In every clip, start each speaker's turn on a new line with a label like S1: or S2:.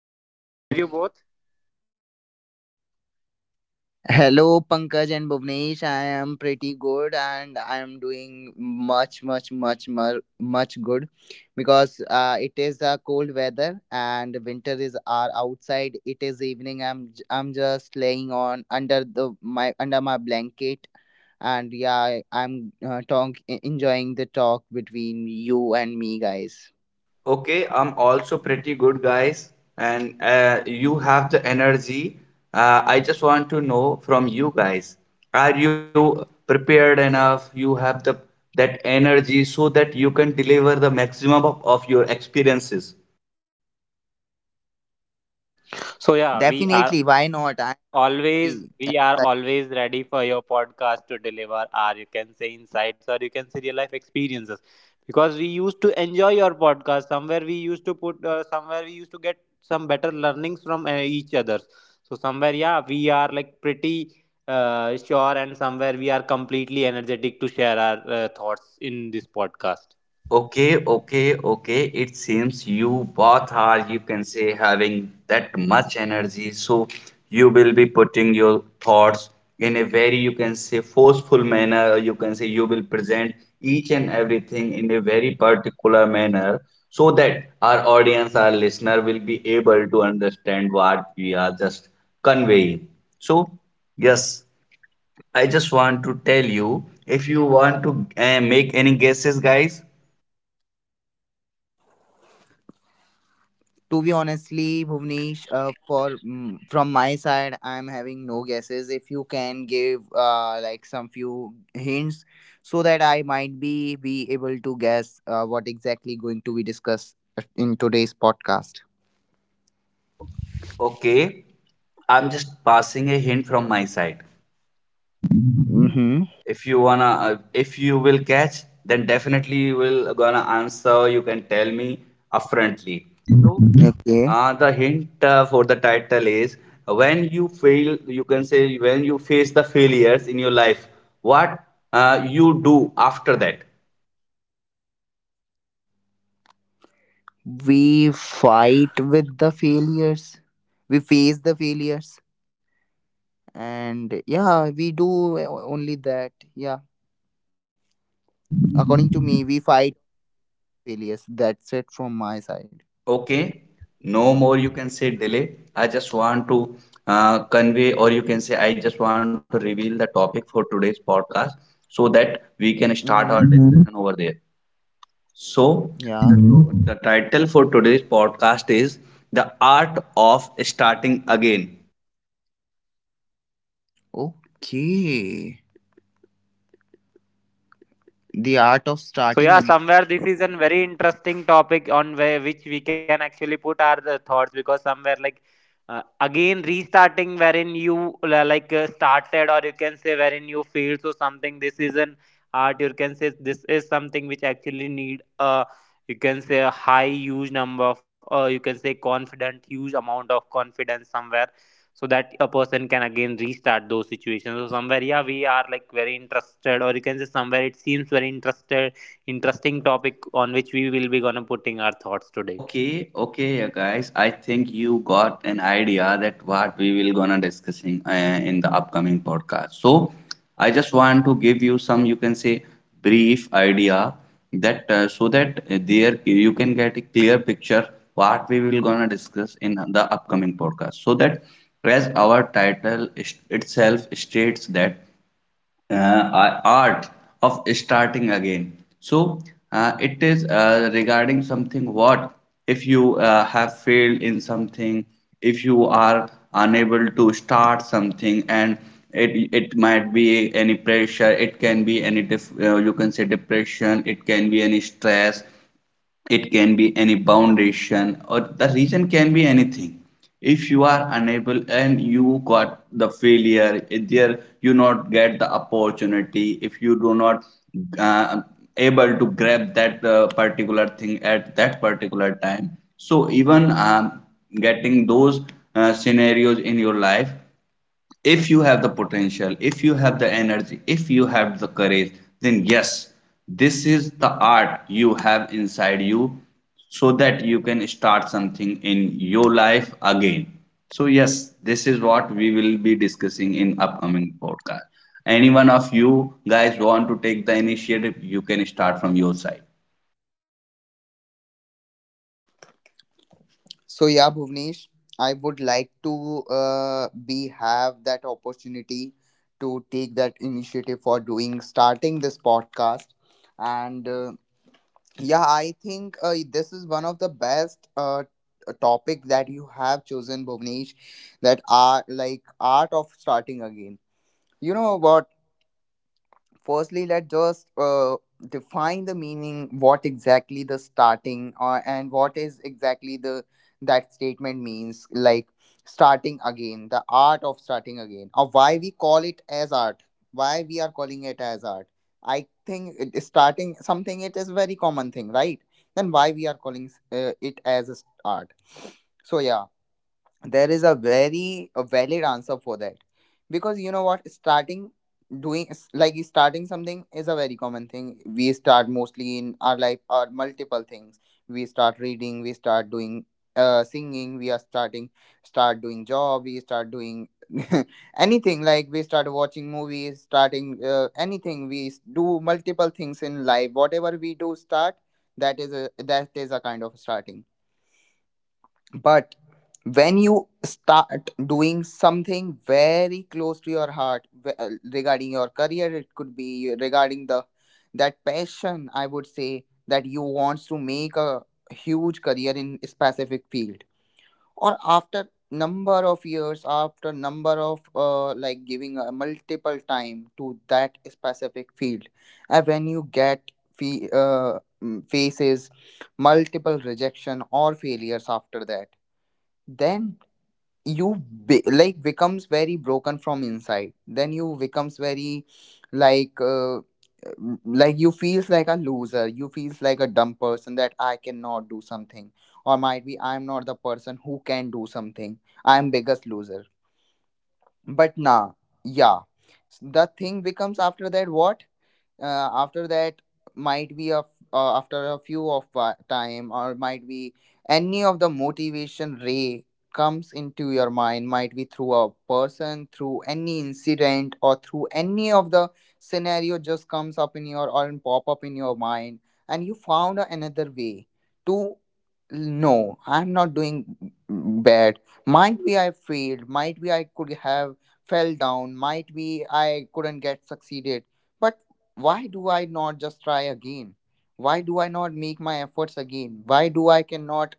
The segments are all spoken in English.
S1: Hello Bhunesh, hello Ajay,
S2: Hello,
S1: how are you both?
S2: Bhuvnesh. Hello, Pankaj and Bhuvnesh. I am pretty good and I am doing much, much, much, much, much good because it is a cold weather and winter is are outside. It is evening. I'm just laying on under the my under my blanket, and yeah, I'm talk enjoying the talk between you and me, guys.
S3: Okay, I'm also pretty good, guys, and you have the energy. I just want to know from you guys, are you prepared enough? You have the that energy so that you can deliver the maximum of your experiences.
S2: Definitely, why not?
S1: So yeah,
S2: I'm
S1: we are always ready for your podcast to deliver our you can say insights or you can say real life experiences because we used to enjoy your podcast somewhere we used to put somewhere we used to get some better learnings from each other. So somewhere yeah, we are like pretty sure, and somewhere we are completely energetic to share our thoughts in this podcast.
S3: Okay, okay, okay. It seems you both are, you can say, having that much energy. So you will be putting your thoughts in a very, you can say, forceful manner, or you can say you will present each and everything in a very particular manner so that our audience, our listener will be able to understand what we are just conveying. So, yes, I just want to tell you if you want to make any guesses, guys.
S2: To be honestly, Bhuvnesh, for from my side, I'm having no guesses. If you can give like some few hints, so that I might be able to guess what exactly going to be discussed in today's podcast.
S3: Okay, I'm just passing a hint from my side.
S2: Mm-hmm.
S3: If you will catch, then definitely you will gonna answer. You can tell me upfrontly. So,
S2: Okay.
S3: the hint for the title is when you fail, you can say when you face the failures in your life, what you do after that.
S2: We fight with the failures. We face the failures, and yeah, we do only that. Yeah, according to me, we fight failures. That's it from my side.
S3: Okay, no more you can say delay. I just want to convey, or you can say, I just want to reveal the topic for today's podcast so that we can start our
S2: Mhm.
S3: discussion over there. So,
S2: Yeah.
S3: the, the title for today's podcast is The Art of Starting Again.
S2: Okay. The art of
S1: So
S2: starting
S1: yeah,
S2: again.
S1: somewhere this is a very interesting topic on where which we can actually put our thoughts, because somewhere like again restarting wherein you started, or you can say wherein you failed, so something this is an art, you can say this is something which actually need a you can say a high huge number of you can say confident huge amount of confidence somewhere, so that a person can again restart those situations. So somewhere yeah, we are like very interested, or you can say somewhere it seems very interested interesting topic on which we will be gonna putting our thoughts today.
S3: Okay, okay, you guys. I think you got an idea that what we will gonna discussing in the upcoming podcast. So, I just want to give you some, you can say, brief idea that so that there you can get a clear picture what we will gonna discuss in the upcoming podcast. So that as our title itself states that uh, art of starting again. So it is regarding something what if you have failed in something, if you are unable to start something, and it might be any pressure, it can be any you can say depression, it can be any stress, it can be any foundation or the reason can be anything if you are unable and you got the failure there you not get the opportunity if you do not uh, able to grab that particular thing at that particular time so even getting those scenarios in your life if you have the potential, if you have the energy, if you have the courage, then yes, this is the art you have inside you so that you can start something in your life again. So, yes, this is what we will be discussing in upcoming podcast. Any one of you guys want to take the initiative, you can start from your side.
S2: So yeah, Bhuvnesh, I would like to be have that opportunity to take that initiative for doing starting this podcast, and yeah, I think this is one of the best topic that you have chosen, Bhuvnesh, that are like art of starting again. You know what? Firstly, let's just define the meaning, what exactly the starting or and what is exactly the that statement means, like starting again, the art of starting again, or why we call it as art, why we are calling it as art. I think it, is starting something, it is very common thing, right? Then why we are calling it as art? So yeah, there is a very a valid answer for that. Because you know what, starting, doing like starting something is a very common thing. We start mostly in our life or multiple things. We start reading, we start doing singing, we are starting, start doing job, we start doing anything, like we start watching movies, starting anything, we do multiple things in life, whatever we do start, that is a kind of starting. But when you start doing something very close to your heart, regarding your career, it could be regarding the that passion, I would say that you wants to make a huge career in specific field, or after number of years, after number of like giving a multiple time to that specific field, and when you get faces multiple rejection or failures after that, then you like becomes very broken from inside, then you becomes very like like you feels like a loser, you feels like a dumb person, that I cannot do something, or might be I'm not the person who can do something, I'm biggest loser. But nah, yeah, the thing becomes after that, what, after that might be of after a few of time, or might be any of the motivation ray comes into your mind, might be through a person, through any incident, or through any of the scenario, just comes up in your or pop up in your mind, and you found another way to, no, I'm not doing bad, might be I failed, might be I could have fell down, might be I couldn't get succeeded. But why do I not just try again? Why do I not make my efforts again? Why do I cannot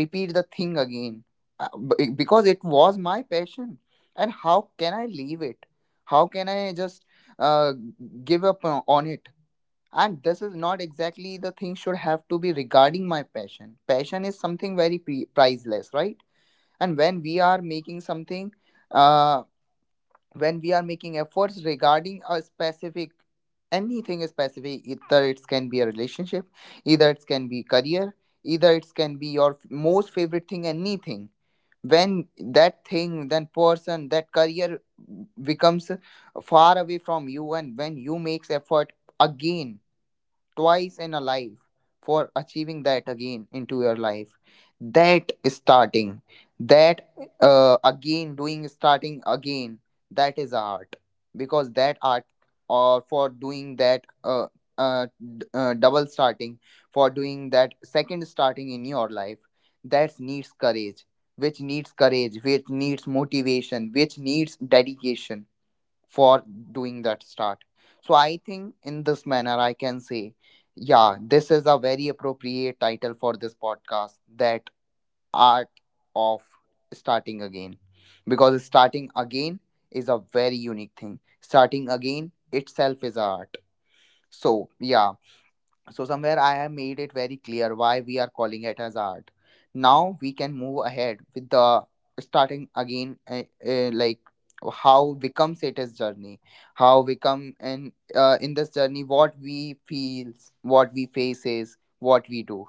S2: repeat the thing again? Because it was my passion, and how can I leave it, how can I just uh, give up on it, and this is not exactly the thing should have to be regarding my passion. Passion is something very priceless, right? And when we are making something, uh, when we are making efforts regarding a specific, anything specific, either it can be a relationship, either it can be career, either it can be your most favorite thing, anything. When that thing, that person, that career becomes far away from you, and when you makes effort again twice in a life for achieving that again into your life, that starting, that again doing starting again, that is art. Because that art, or for doing that uh, double starting, for doing that second starting in your life, that needs courage, which needs courage, which needs motivation, which needs dedication for doing that start. So I think in this manner I can say, yeah, this is a very appropriate title for this podcast, that art of starting again. Because starting again is a very unique thing. Starting again itself is a art. So yeah, so somewhere I have made it very clear why we are calling it as art. Now we can move ahead with the starting again, like how becomes it is journey, how we come in this journey, what we feels, what we faces, what we do.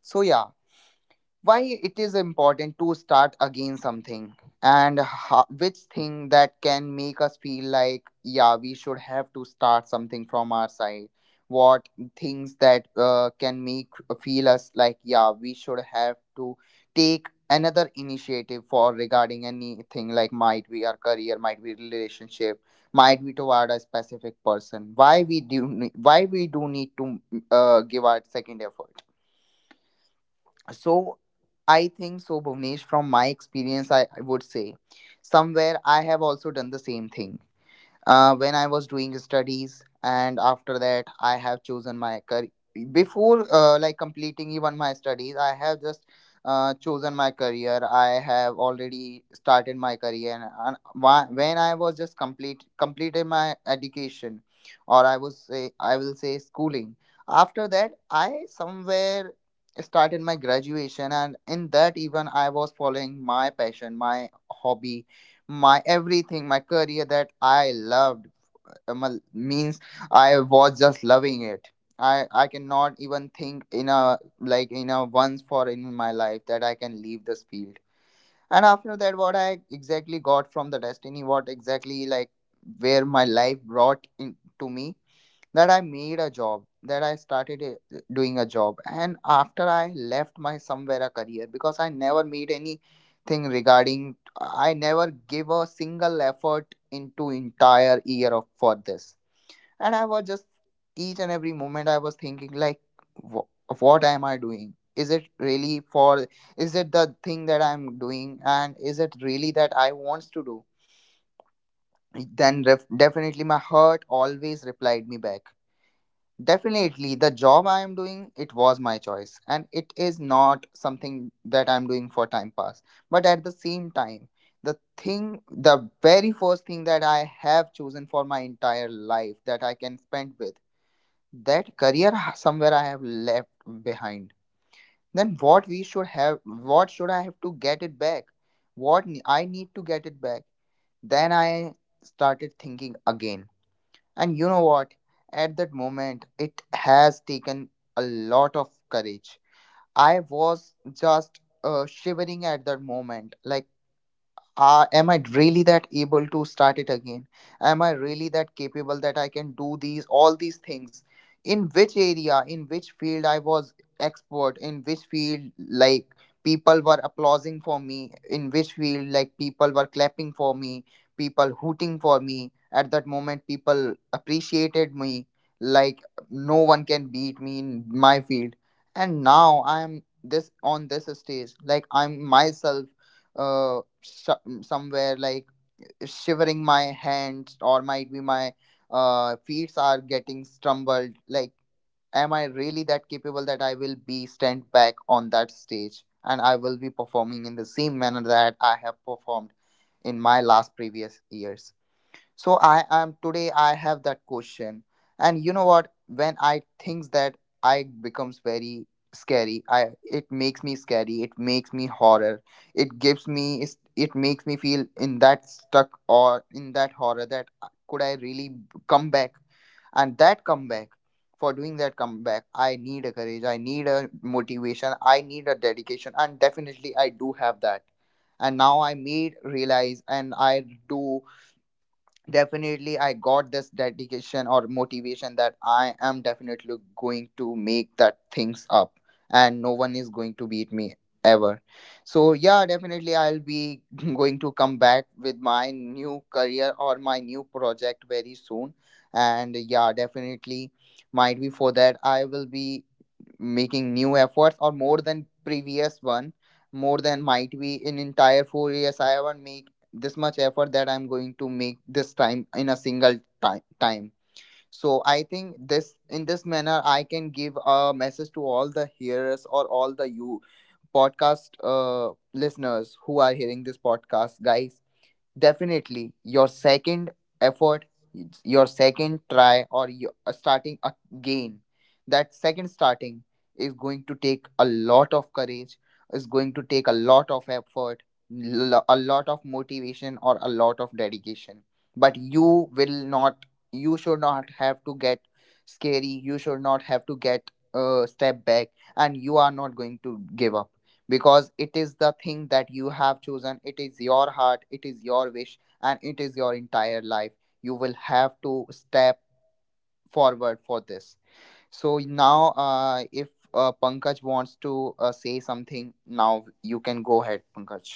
S2: So yeah, why it is important to start again something, and which thing that can make us feel like, yeah, we should have to start something from our side. What things that can make feel us like, yeah, we should have to take another initiative for regarding anything, like might be our career, might be relationship, might be toward a specific person. Why we do why we do need to give our second effort? So I think so, Bhuvnesh, from my experience, I would say somewhere I have also done the same thing when I was doing studies, and after that, I have chosen my career. Before like completing even my studies, I have just chosen my career. I have already started my career, and and when I was just completed my education, or I was say I will say schooling. After that, I somewhere started my graduation, and in that even I was following my passion, my hobby, my everything, my career that I loved. Means I was just loving it. I cannot even think in a like in a once for in my life that I can leave this field. And after that, what I exactly got from the destiny, what exactly like where my life brought in to me, that I made a job, that I started doing a job. And after I left my somewhere a career because I never made anything regarding, I never gave a single effort into entire year of for this. And I was just each and every moment I was thinking like, wh- what am I doing? Is it really for? Is it the thing that I'm doing? And is it really that I wants to do? Then definitely my heart always replied me back. Definitely, the job I am doing, it was my choice, and it is not something that I'm doing for time pass. But at the same time, the thing, the very first thing that I have chosen for my entire life that I can spend with, that career somewhere I have left behind. Then what we should have, what should I have to get it back? What I need to get it back? Then I started thinking again. And you know what? At that moment, it has taken a lot of courage. I was just shivering at that moment. Like, am I really that able to start it again? Am I really that capable that I can do these all these things, in which area, in which field I was expert, in which field, like, people were applauding for me, in which field, like, people were clapping for me, people hooting for me at that moment, people appreciated me, like, no one can beat me in my field. And now I am this on this stage, like, I'm myself uh, sh- somewhere like shivering my hands, or might be my feet are getting stumbled, like, am I really that capable that I will be stand back on that stage and I will be performing in the same manner that I have performed in my last previous years. So I am today I have that question. And you know what, when I think that, I becomes very scary, I it makes me scary, it makes me horror, it gives me it makes me feel in that stuck or in that horror that could I really come back? And that comeback, for doing that comeback, I need a courage, I need a motivation, I need a dedication, and definitely I do have that. And now I made realize, and I do definitely I got this dedication or motivation that I am definitely going to make that things up, and no one is going to beat me ever. So yeah, definitely I'll be going to come back with my new career or my new project very soon. And yeah, definitely, might be for that I will be making new efforts or more than previous one, more than might be in entire 4 years I haven't make this much effort that I'm going to make this time in a single time. So I think this in this manner I can give a message to all the hearers or all the you podcast listeners who are hearing this podcast, guys, definitely your second effort, your second try, or your, starting again, that second starting is going to take a lot of courage, is going to take a lot of effort, a lot of motivation or a lot of dedication. But you will not, you should not have to get scary, you should not have to get a step back, and you are not going to give up, because it is the thing that you have chosen, it is your heart, it is your wish, and it is your entire life. You will have to step forward for this. So now if Pankaj wants to say something, now you can go ahead, Pankaj.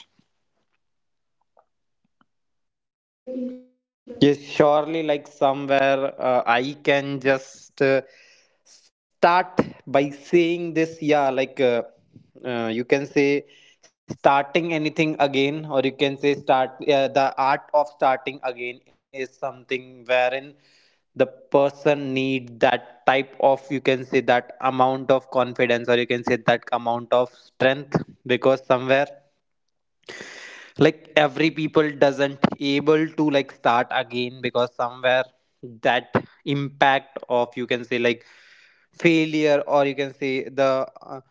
S1: Yes, surely, like somewhere, I can just start by saying this. Yeah, like you can say starting anything again, or you can say start the art of starting again is something wherein the person need that type of you can say that amount of confidence, or you can say that amount of strength, because somewhere like every people doesn't able to like start again, because somewhere that impact of you can say like failure, or you can say the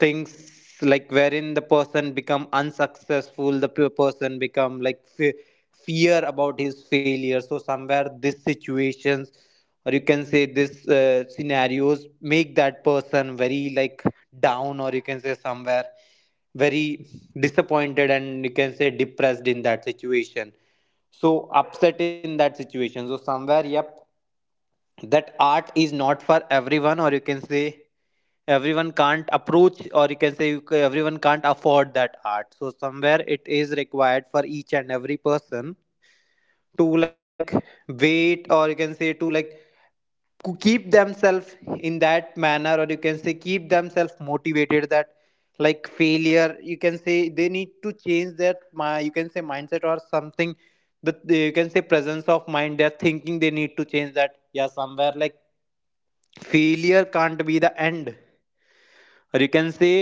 S1: things like wherein the person become unsuccessful, the person become like fear about his failure, so somewhere this situations or you can say this scenarios make that person very like down, or you can say somewhere very disappointed and you can say depressed in that situation, so upset in that situation. So somewhere, yep, that art is not for everyone, or you can say everyone can't approach, or you can say you everyone can't afford that art. So somewhere it is required for each and every person to like wait, or you can say to like keep themselves in that manner, or you can say keep themselves motivated that like failure, you can say they need to change their my you can say mindset or something, that they, you can say presence of mind, they thinking they need to change that. Yeah, somewhere like failure can't be the end, or you can say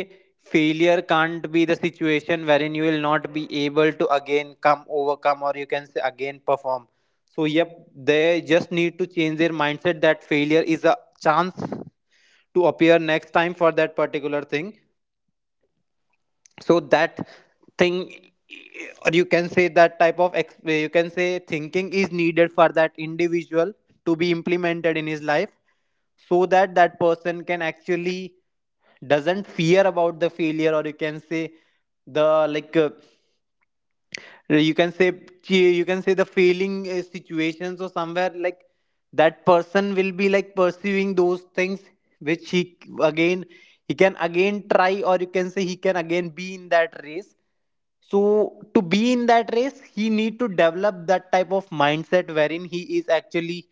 S1: failure can't be the situation wherein you will not be able to again come overcome, or you can say again perform. So yep, they just need to change their mindset that failure is a chance to appear next time for that particular thing. So that thing or you can say that type of you can say thinking is needed for that individual to be implemented in his life so that that person can actually doesn't fear about the failure, or you can say the like you can say you can say the failing situations, or somewhere like that person will be like pursuing those things which he again he can again try, or you can say he can again be in that race. So to be in that race he need to develop that type of mindset wherein he is actually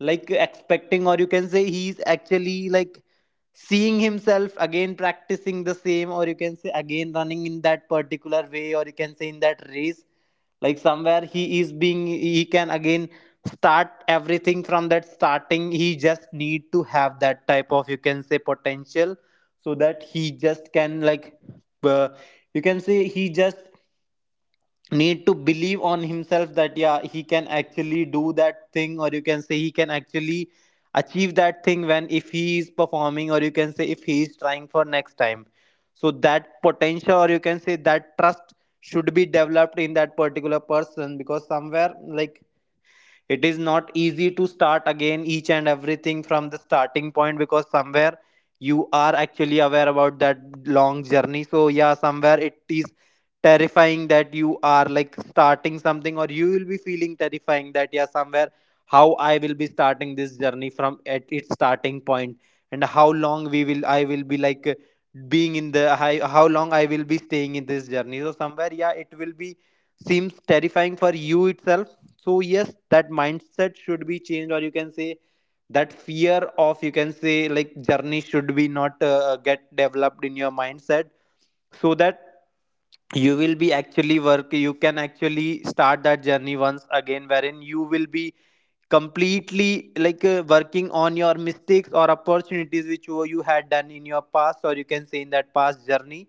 S1: like expecting, or you can say he is actually like seeing himself again practicing the same, or you can say again running in that particular way, or you can say in that race, like somewhere he is being he can again start everything from that starting. He just need to have that type of you can say potential so that he just can like uh, you can say he just need to believe on himself that yeah he can actually do that thing, or you can say he can actually achieve that thing when if he is performing, or you can say if he is trying for next time. So that potential, or you can say that trust, should be developed in that particular person, because somewhere like it is not easy to start again each and everything from the starting point, because somewhere you are actually aware about that long journey. So yeah, somewhere it is terrifying that you are like starting something, or you will be feeling terrifying that yeah somewhere how I will be starting this journey from at its starting point, and how long we will I will be like being in the how long I will be staying in this journey. So somewhere yeah, it will be seems terrifying for you itself. So yes, that mindset should be changed, or you can say that fear of you can say like journey should be not get developed in your mindset, so that you will be actually work you can actually start that journey once again wherein you will be completely like working on your mistakes or opportunities which you had done in your past, or you can say in that past journey,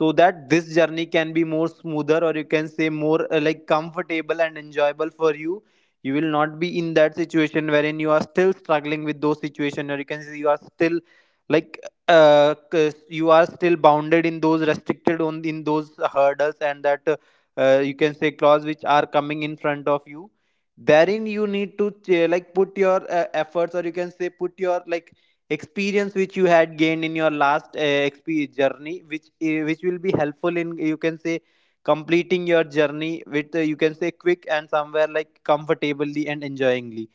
S1: so that this journey can be more smoother, or you can say more like comfortable and enjoyable for you. You will not be in that situation wherein you are still struggling with those situation, or you can say you are still like 'cause you are still bounded in those restricted on in those hurdles and that you can say clause which are coming in front of you, therein you need to like put your efforts, or you can say put your like experience which you had gained in your last journey, which will be helpful in you can say completing your journey with you can say quick and somewhere like comfortably and enjoyingly.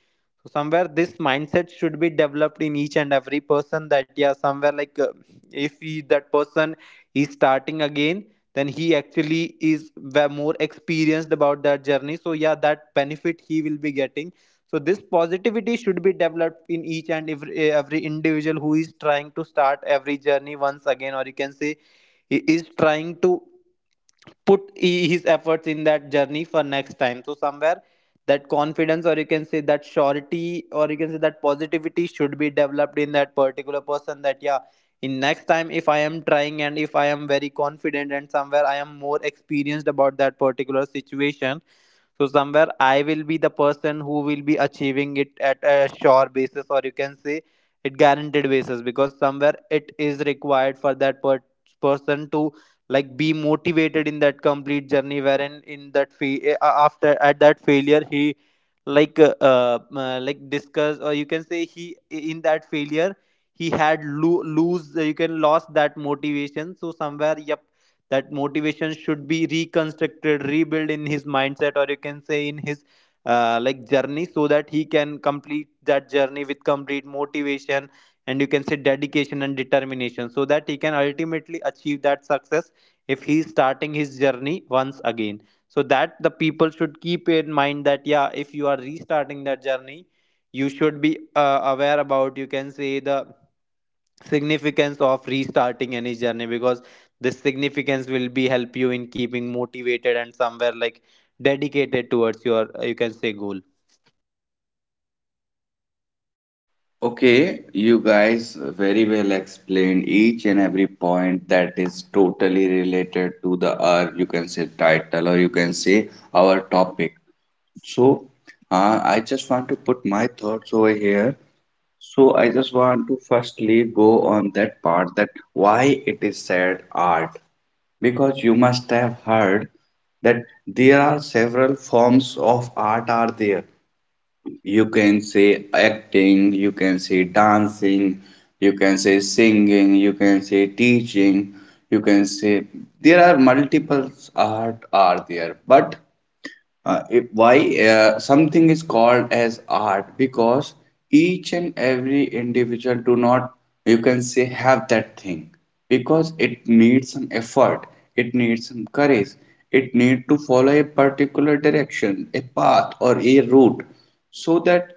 S1: So somewhere this mindset should be developed in each and every person that yeah somewhere like if he, that person is starting again, then he actually is more experienced about that journey, so yeah that benefit he will be getting. So this positivity should be developed in each and every individual who is trying to start every journey once again, or you can say he is trying to put his efforts in that journey for next time. So somewhere that confidence, or you can say that surety, or you can say that positivity should be developed in that particular person that yeah, in next time if I am trying and if I am very confident and somewhere I am more experienced about that particular situation, so somewhere I will be the person who will be achieving it at a sure basis, or you can say it guaranteed basis, because somewhere it is required for that person to like be motivated in that complete journey wherein in that after at that failure he like discuss, or you can say he in that failure he had lose you can lost that motivation. So somewhere yep, that motivation should be reconstructed rebuilt in his mindset, or you can say in his like journey, so that he can complete that journey with complete motivation and you can say dedication and determination, so that he can ultimately achieve that success if he is starting his journey once again. So that the people should keep in mind that yeah, if you are restarting that journey, you should be aware about you can say the significance of restarting any journey, because this significance will be help you in keeping motivated and somewhere like dedicated towards your you can say goal.
S3: Okay, you guys very well explained each and every point that is totally related to the our you can say title or you can say our topic. So, I just want to put my thoughts over here. So, I just want to firstly go on that part that why it is said art because you must have heard that there are several forms of art are there you can say acting, you can say dancing, you can say singing, you can say teaching, you can say there are multiple art are there. But if, why something is called as art? Because each and every individual do not you can say have that thing because it needs some effort, it needs some courage, it needs to follow a particular direction, a path or a route so that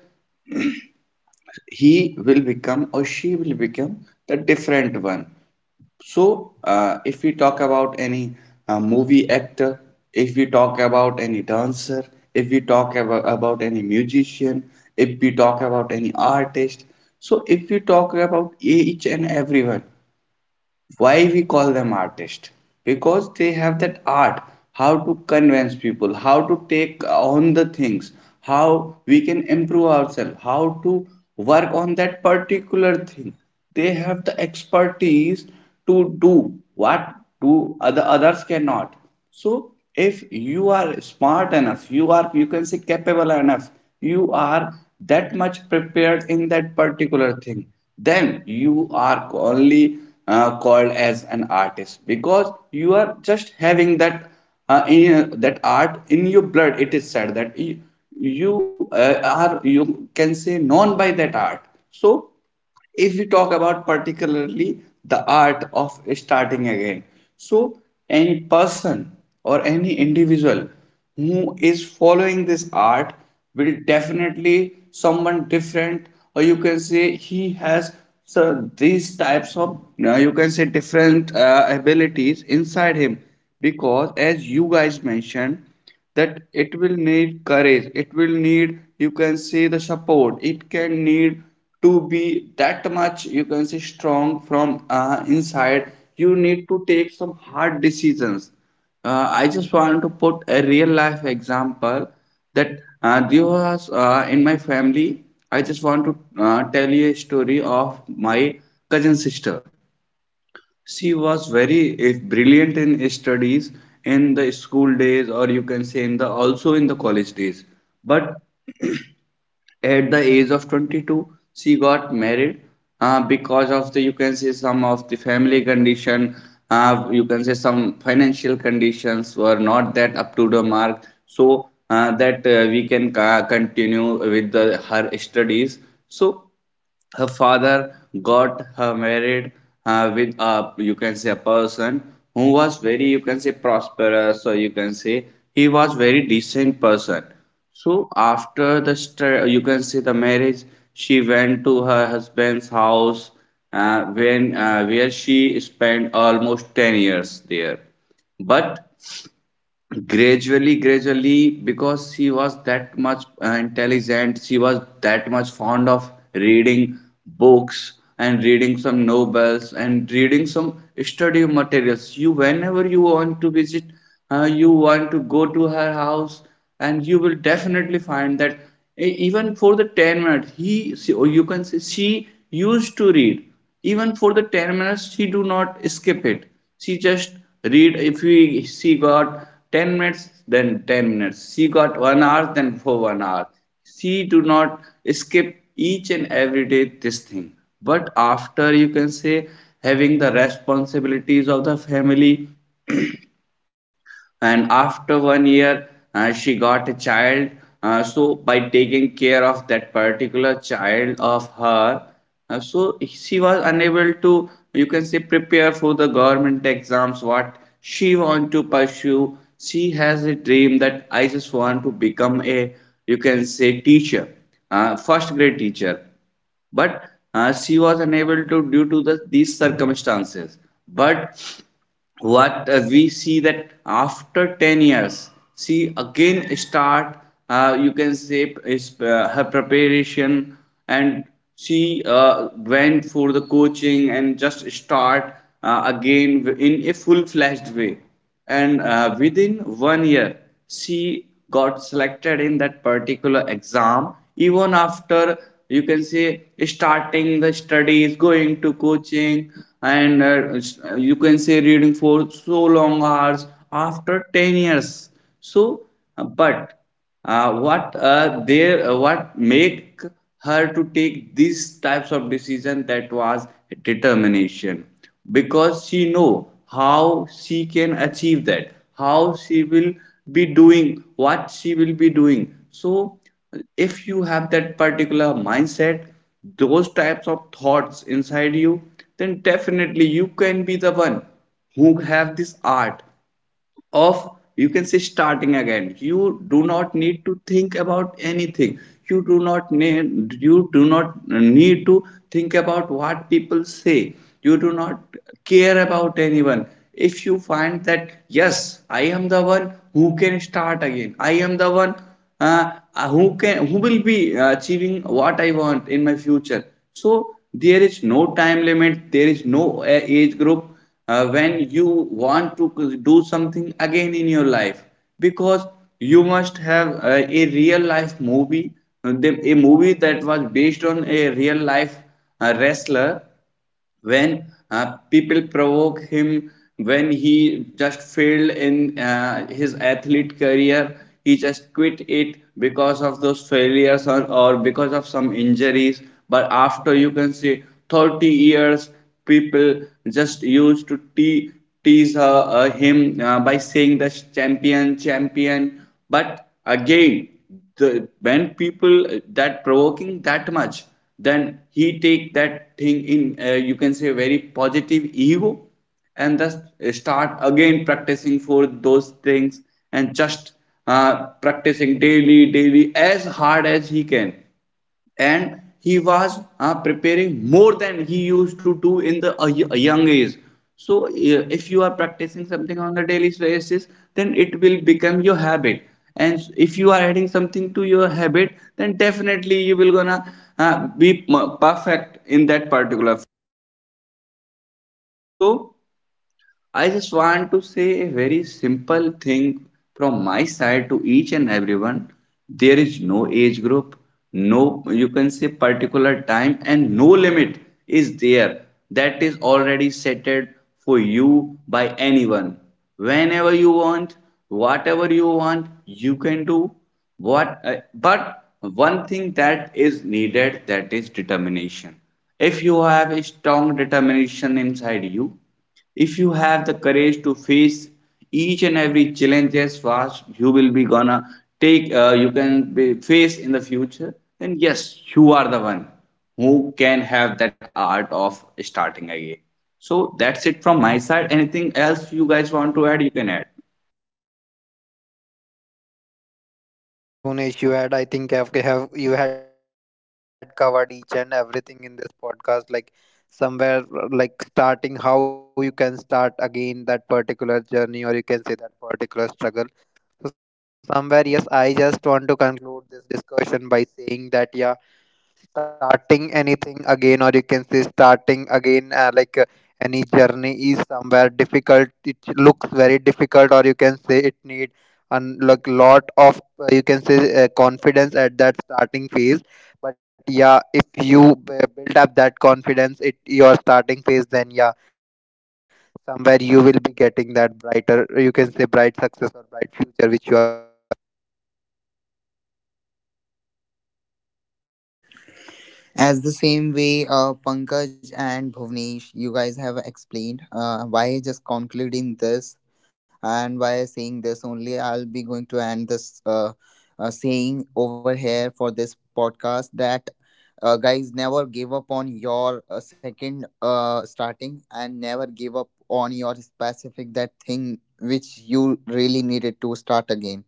S3: he will become or she will become the different one. So, if we talk about any movie actor, if we talk about any dancer, if we talk about any musician, if we talk about any artist, so if we talk about each and everyone, why we call them artists because they have that art, how to convince people, how to take on the things, how we can improve ourselves, how to work on that particular thing. They have the expertise to do what do others cannot. So if you are smart enough, you are you can say capable enough, you are that much prepared in that particular thing, then you are only called as an artist because you are just having that that art in your blood. It is said that you are you can say known by that art. So if we talk about particularly the art of starting again, so any person or any individual who is following this art will definitely someone different, or you can say he has so these types of you can say different abilities inside him, because as you guys mentioned that it will need courage, it will need you can say the support, it can need to be that much you can say strong from inside. You need to take some hard decisions. I just want to put a real life example that there was in my family. I just want to tell you a story of my cousin sister. She was very if brilliant in studies, in the school days or you can say in the also in the college days. But at the age of 22 she got married, because of the you can say some of the family condition, you can say some financial conditions were not that up to the mark, so that we can continue with her studies. So her father got her married with a you can say a person who was very you can say prosperous, or you can say he was very decent person. So after the you can say the marriage, she went to her husband's house, when where she spent almost 10 years there. But gradually, because she was that much intelligent, she was that much fond of reading books and reading some novels and reading some study materials, you whenever you want to visit, you want to go to her house, and you will definitely find that even for the 10 minutes he she, or you can say she used to read. Even for the 10 minutes she do not skip it, she just read. If we she got 10 minutes, then 10 minutes. She got 1 hour, then for 1 hour she do not skip. Each and every day this thing, but after you can say having the responsibilities of the family, and after 1 year she got a child. So by taking care of that particular child of her, so she was unable to you can say prepare for the government exams what she want to pursue. She has a dream that I just want to become a you can say teacher, first grade teacher. But she was unable to due to these circumstances. But what we see that after 10 years she again start you can say is her preparation, and she went for the coaching and just start again in a full fledged way. And within 1 year she got selected in that particular exam, even after you can say starting the studies, going to coaching and you can say reading for so long hours after 10 years. So but what there what make her to take these types of decision, that was determination, because she know how she can achieve that, how she will be doing, what she will be doing. So if you have that particular mindset, those types of thoughts inside you, then definitely you can be the one who have this art of you can say starting again. You do not need to think about anything. You do not need to think about what people say. You do not care about anyone. If you find that yes I am the one who can start again, I am the one uh, who will be achieving what I want in my future. So there is no time limit, there is no age group, when you want to do something again in your life. Because you must have uh, a movie that was based on a real life wrestler, when people provoke him, when he just failed in his athlete career. He just quit it because of those failures, or because of some injuries. But after you can see 30 years, people just used to tease him by saying the champion, but again, the when people that provoking that much, then he take that thing in you can say very positive ego, and thus start again practicing for those things, and just practicing daily as hard as he can, and he was preparing more than he used to do in a young age. So if you are practicing something on a daily basis, then it will become your habit, and if you are adding something to your habit, then definitely you will gonna be perfect in that particular field. So I just want to say a very simple thing from my side to each and everyone. There is no age group, no, you can say particular time, and no limit is there that is already setted for you by anyone. Whenever you want, whatever you want, you can do but one thing that is needed, that is determination. If you have a strong determination inside you, if you have the courage to face each and every challenges fast you will be gonna take you can be face in the future, then yes you are the one who can have that art of starting again. So that's it from my side. Anything else you guys want to add, you can add.
S1: So nothing, Bhunesh. You had, I think, have you had covered each and everything in this podcast, like somewhere like starting how you can start again that particular journey, or you can say that particular struggle. So somewhere, yes, I just want to conclude this discussion by saying that yeah, starting anything again, or you can say starting again any journey is somewhere difficult, it looks very difficult, or you can say it need a like lot of you can say confidence at that starting phase. But yeah, if you build up that confidence it your starting phase, then yeah somewhere you will be getting that brighter, you can say bright success or bright future which you are aiming for.
S2: As the same way, Pankaj and Bhuvnesh, you guys have explained why just concluding this and why saying this only. I'll be going to end this saying over here for this podcast, that guys, never give up on your second starting, and never give up on your specific that thing which you really needed to start again.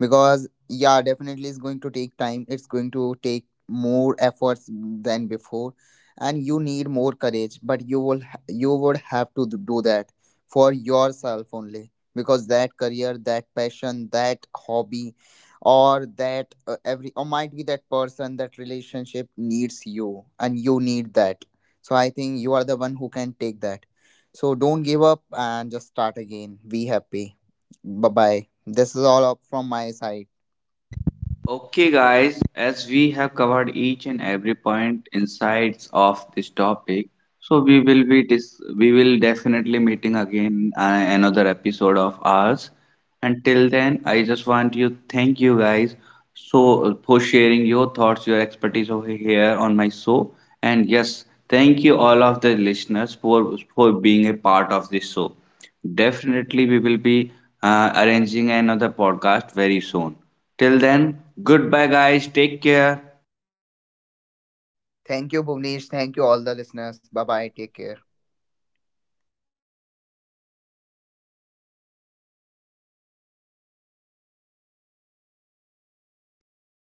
S2: Because yeah, definitely it's going to take time, it's going to take more efforts than before, and you need more courage, but you will you would have to do that for yourself only, because that career, that passion, that hobby, or that every, or might be that person, that relationship needs you, and you need that. So I think you are the one who can take that. So don't give up and just start again. Be happy. Bye bye. This is all up from my side.
S3: Okay, guys, as we have covered each and every point insights of this topic, so we will be we will definitely meeting again another episode of ours. Until then, I just want you thank you guys so for sharing your thoughts, your expertise over here on my show. And yes, thank you all of the listeners for being a part of this show. Definitely, we will be arranging another podcast very soon. Till then, goodbye, guys. Take care.
S2: Thank you, Bhuvnesh. Thank you, all the listeners. Bye
S1: Goodbye,
S2: bye.
S1: Bunesh,
S2: Take care.
S1: thank you.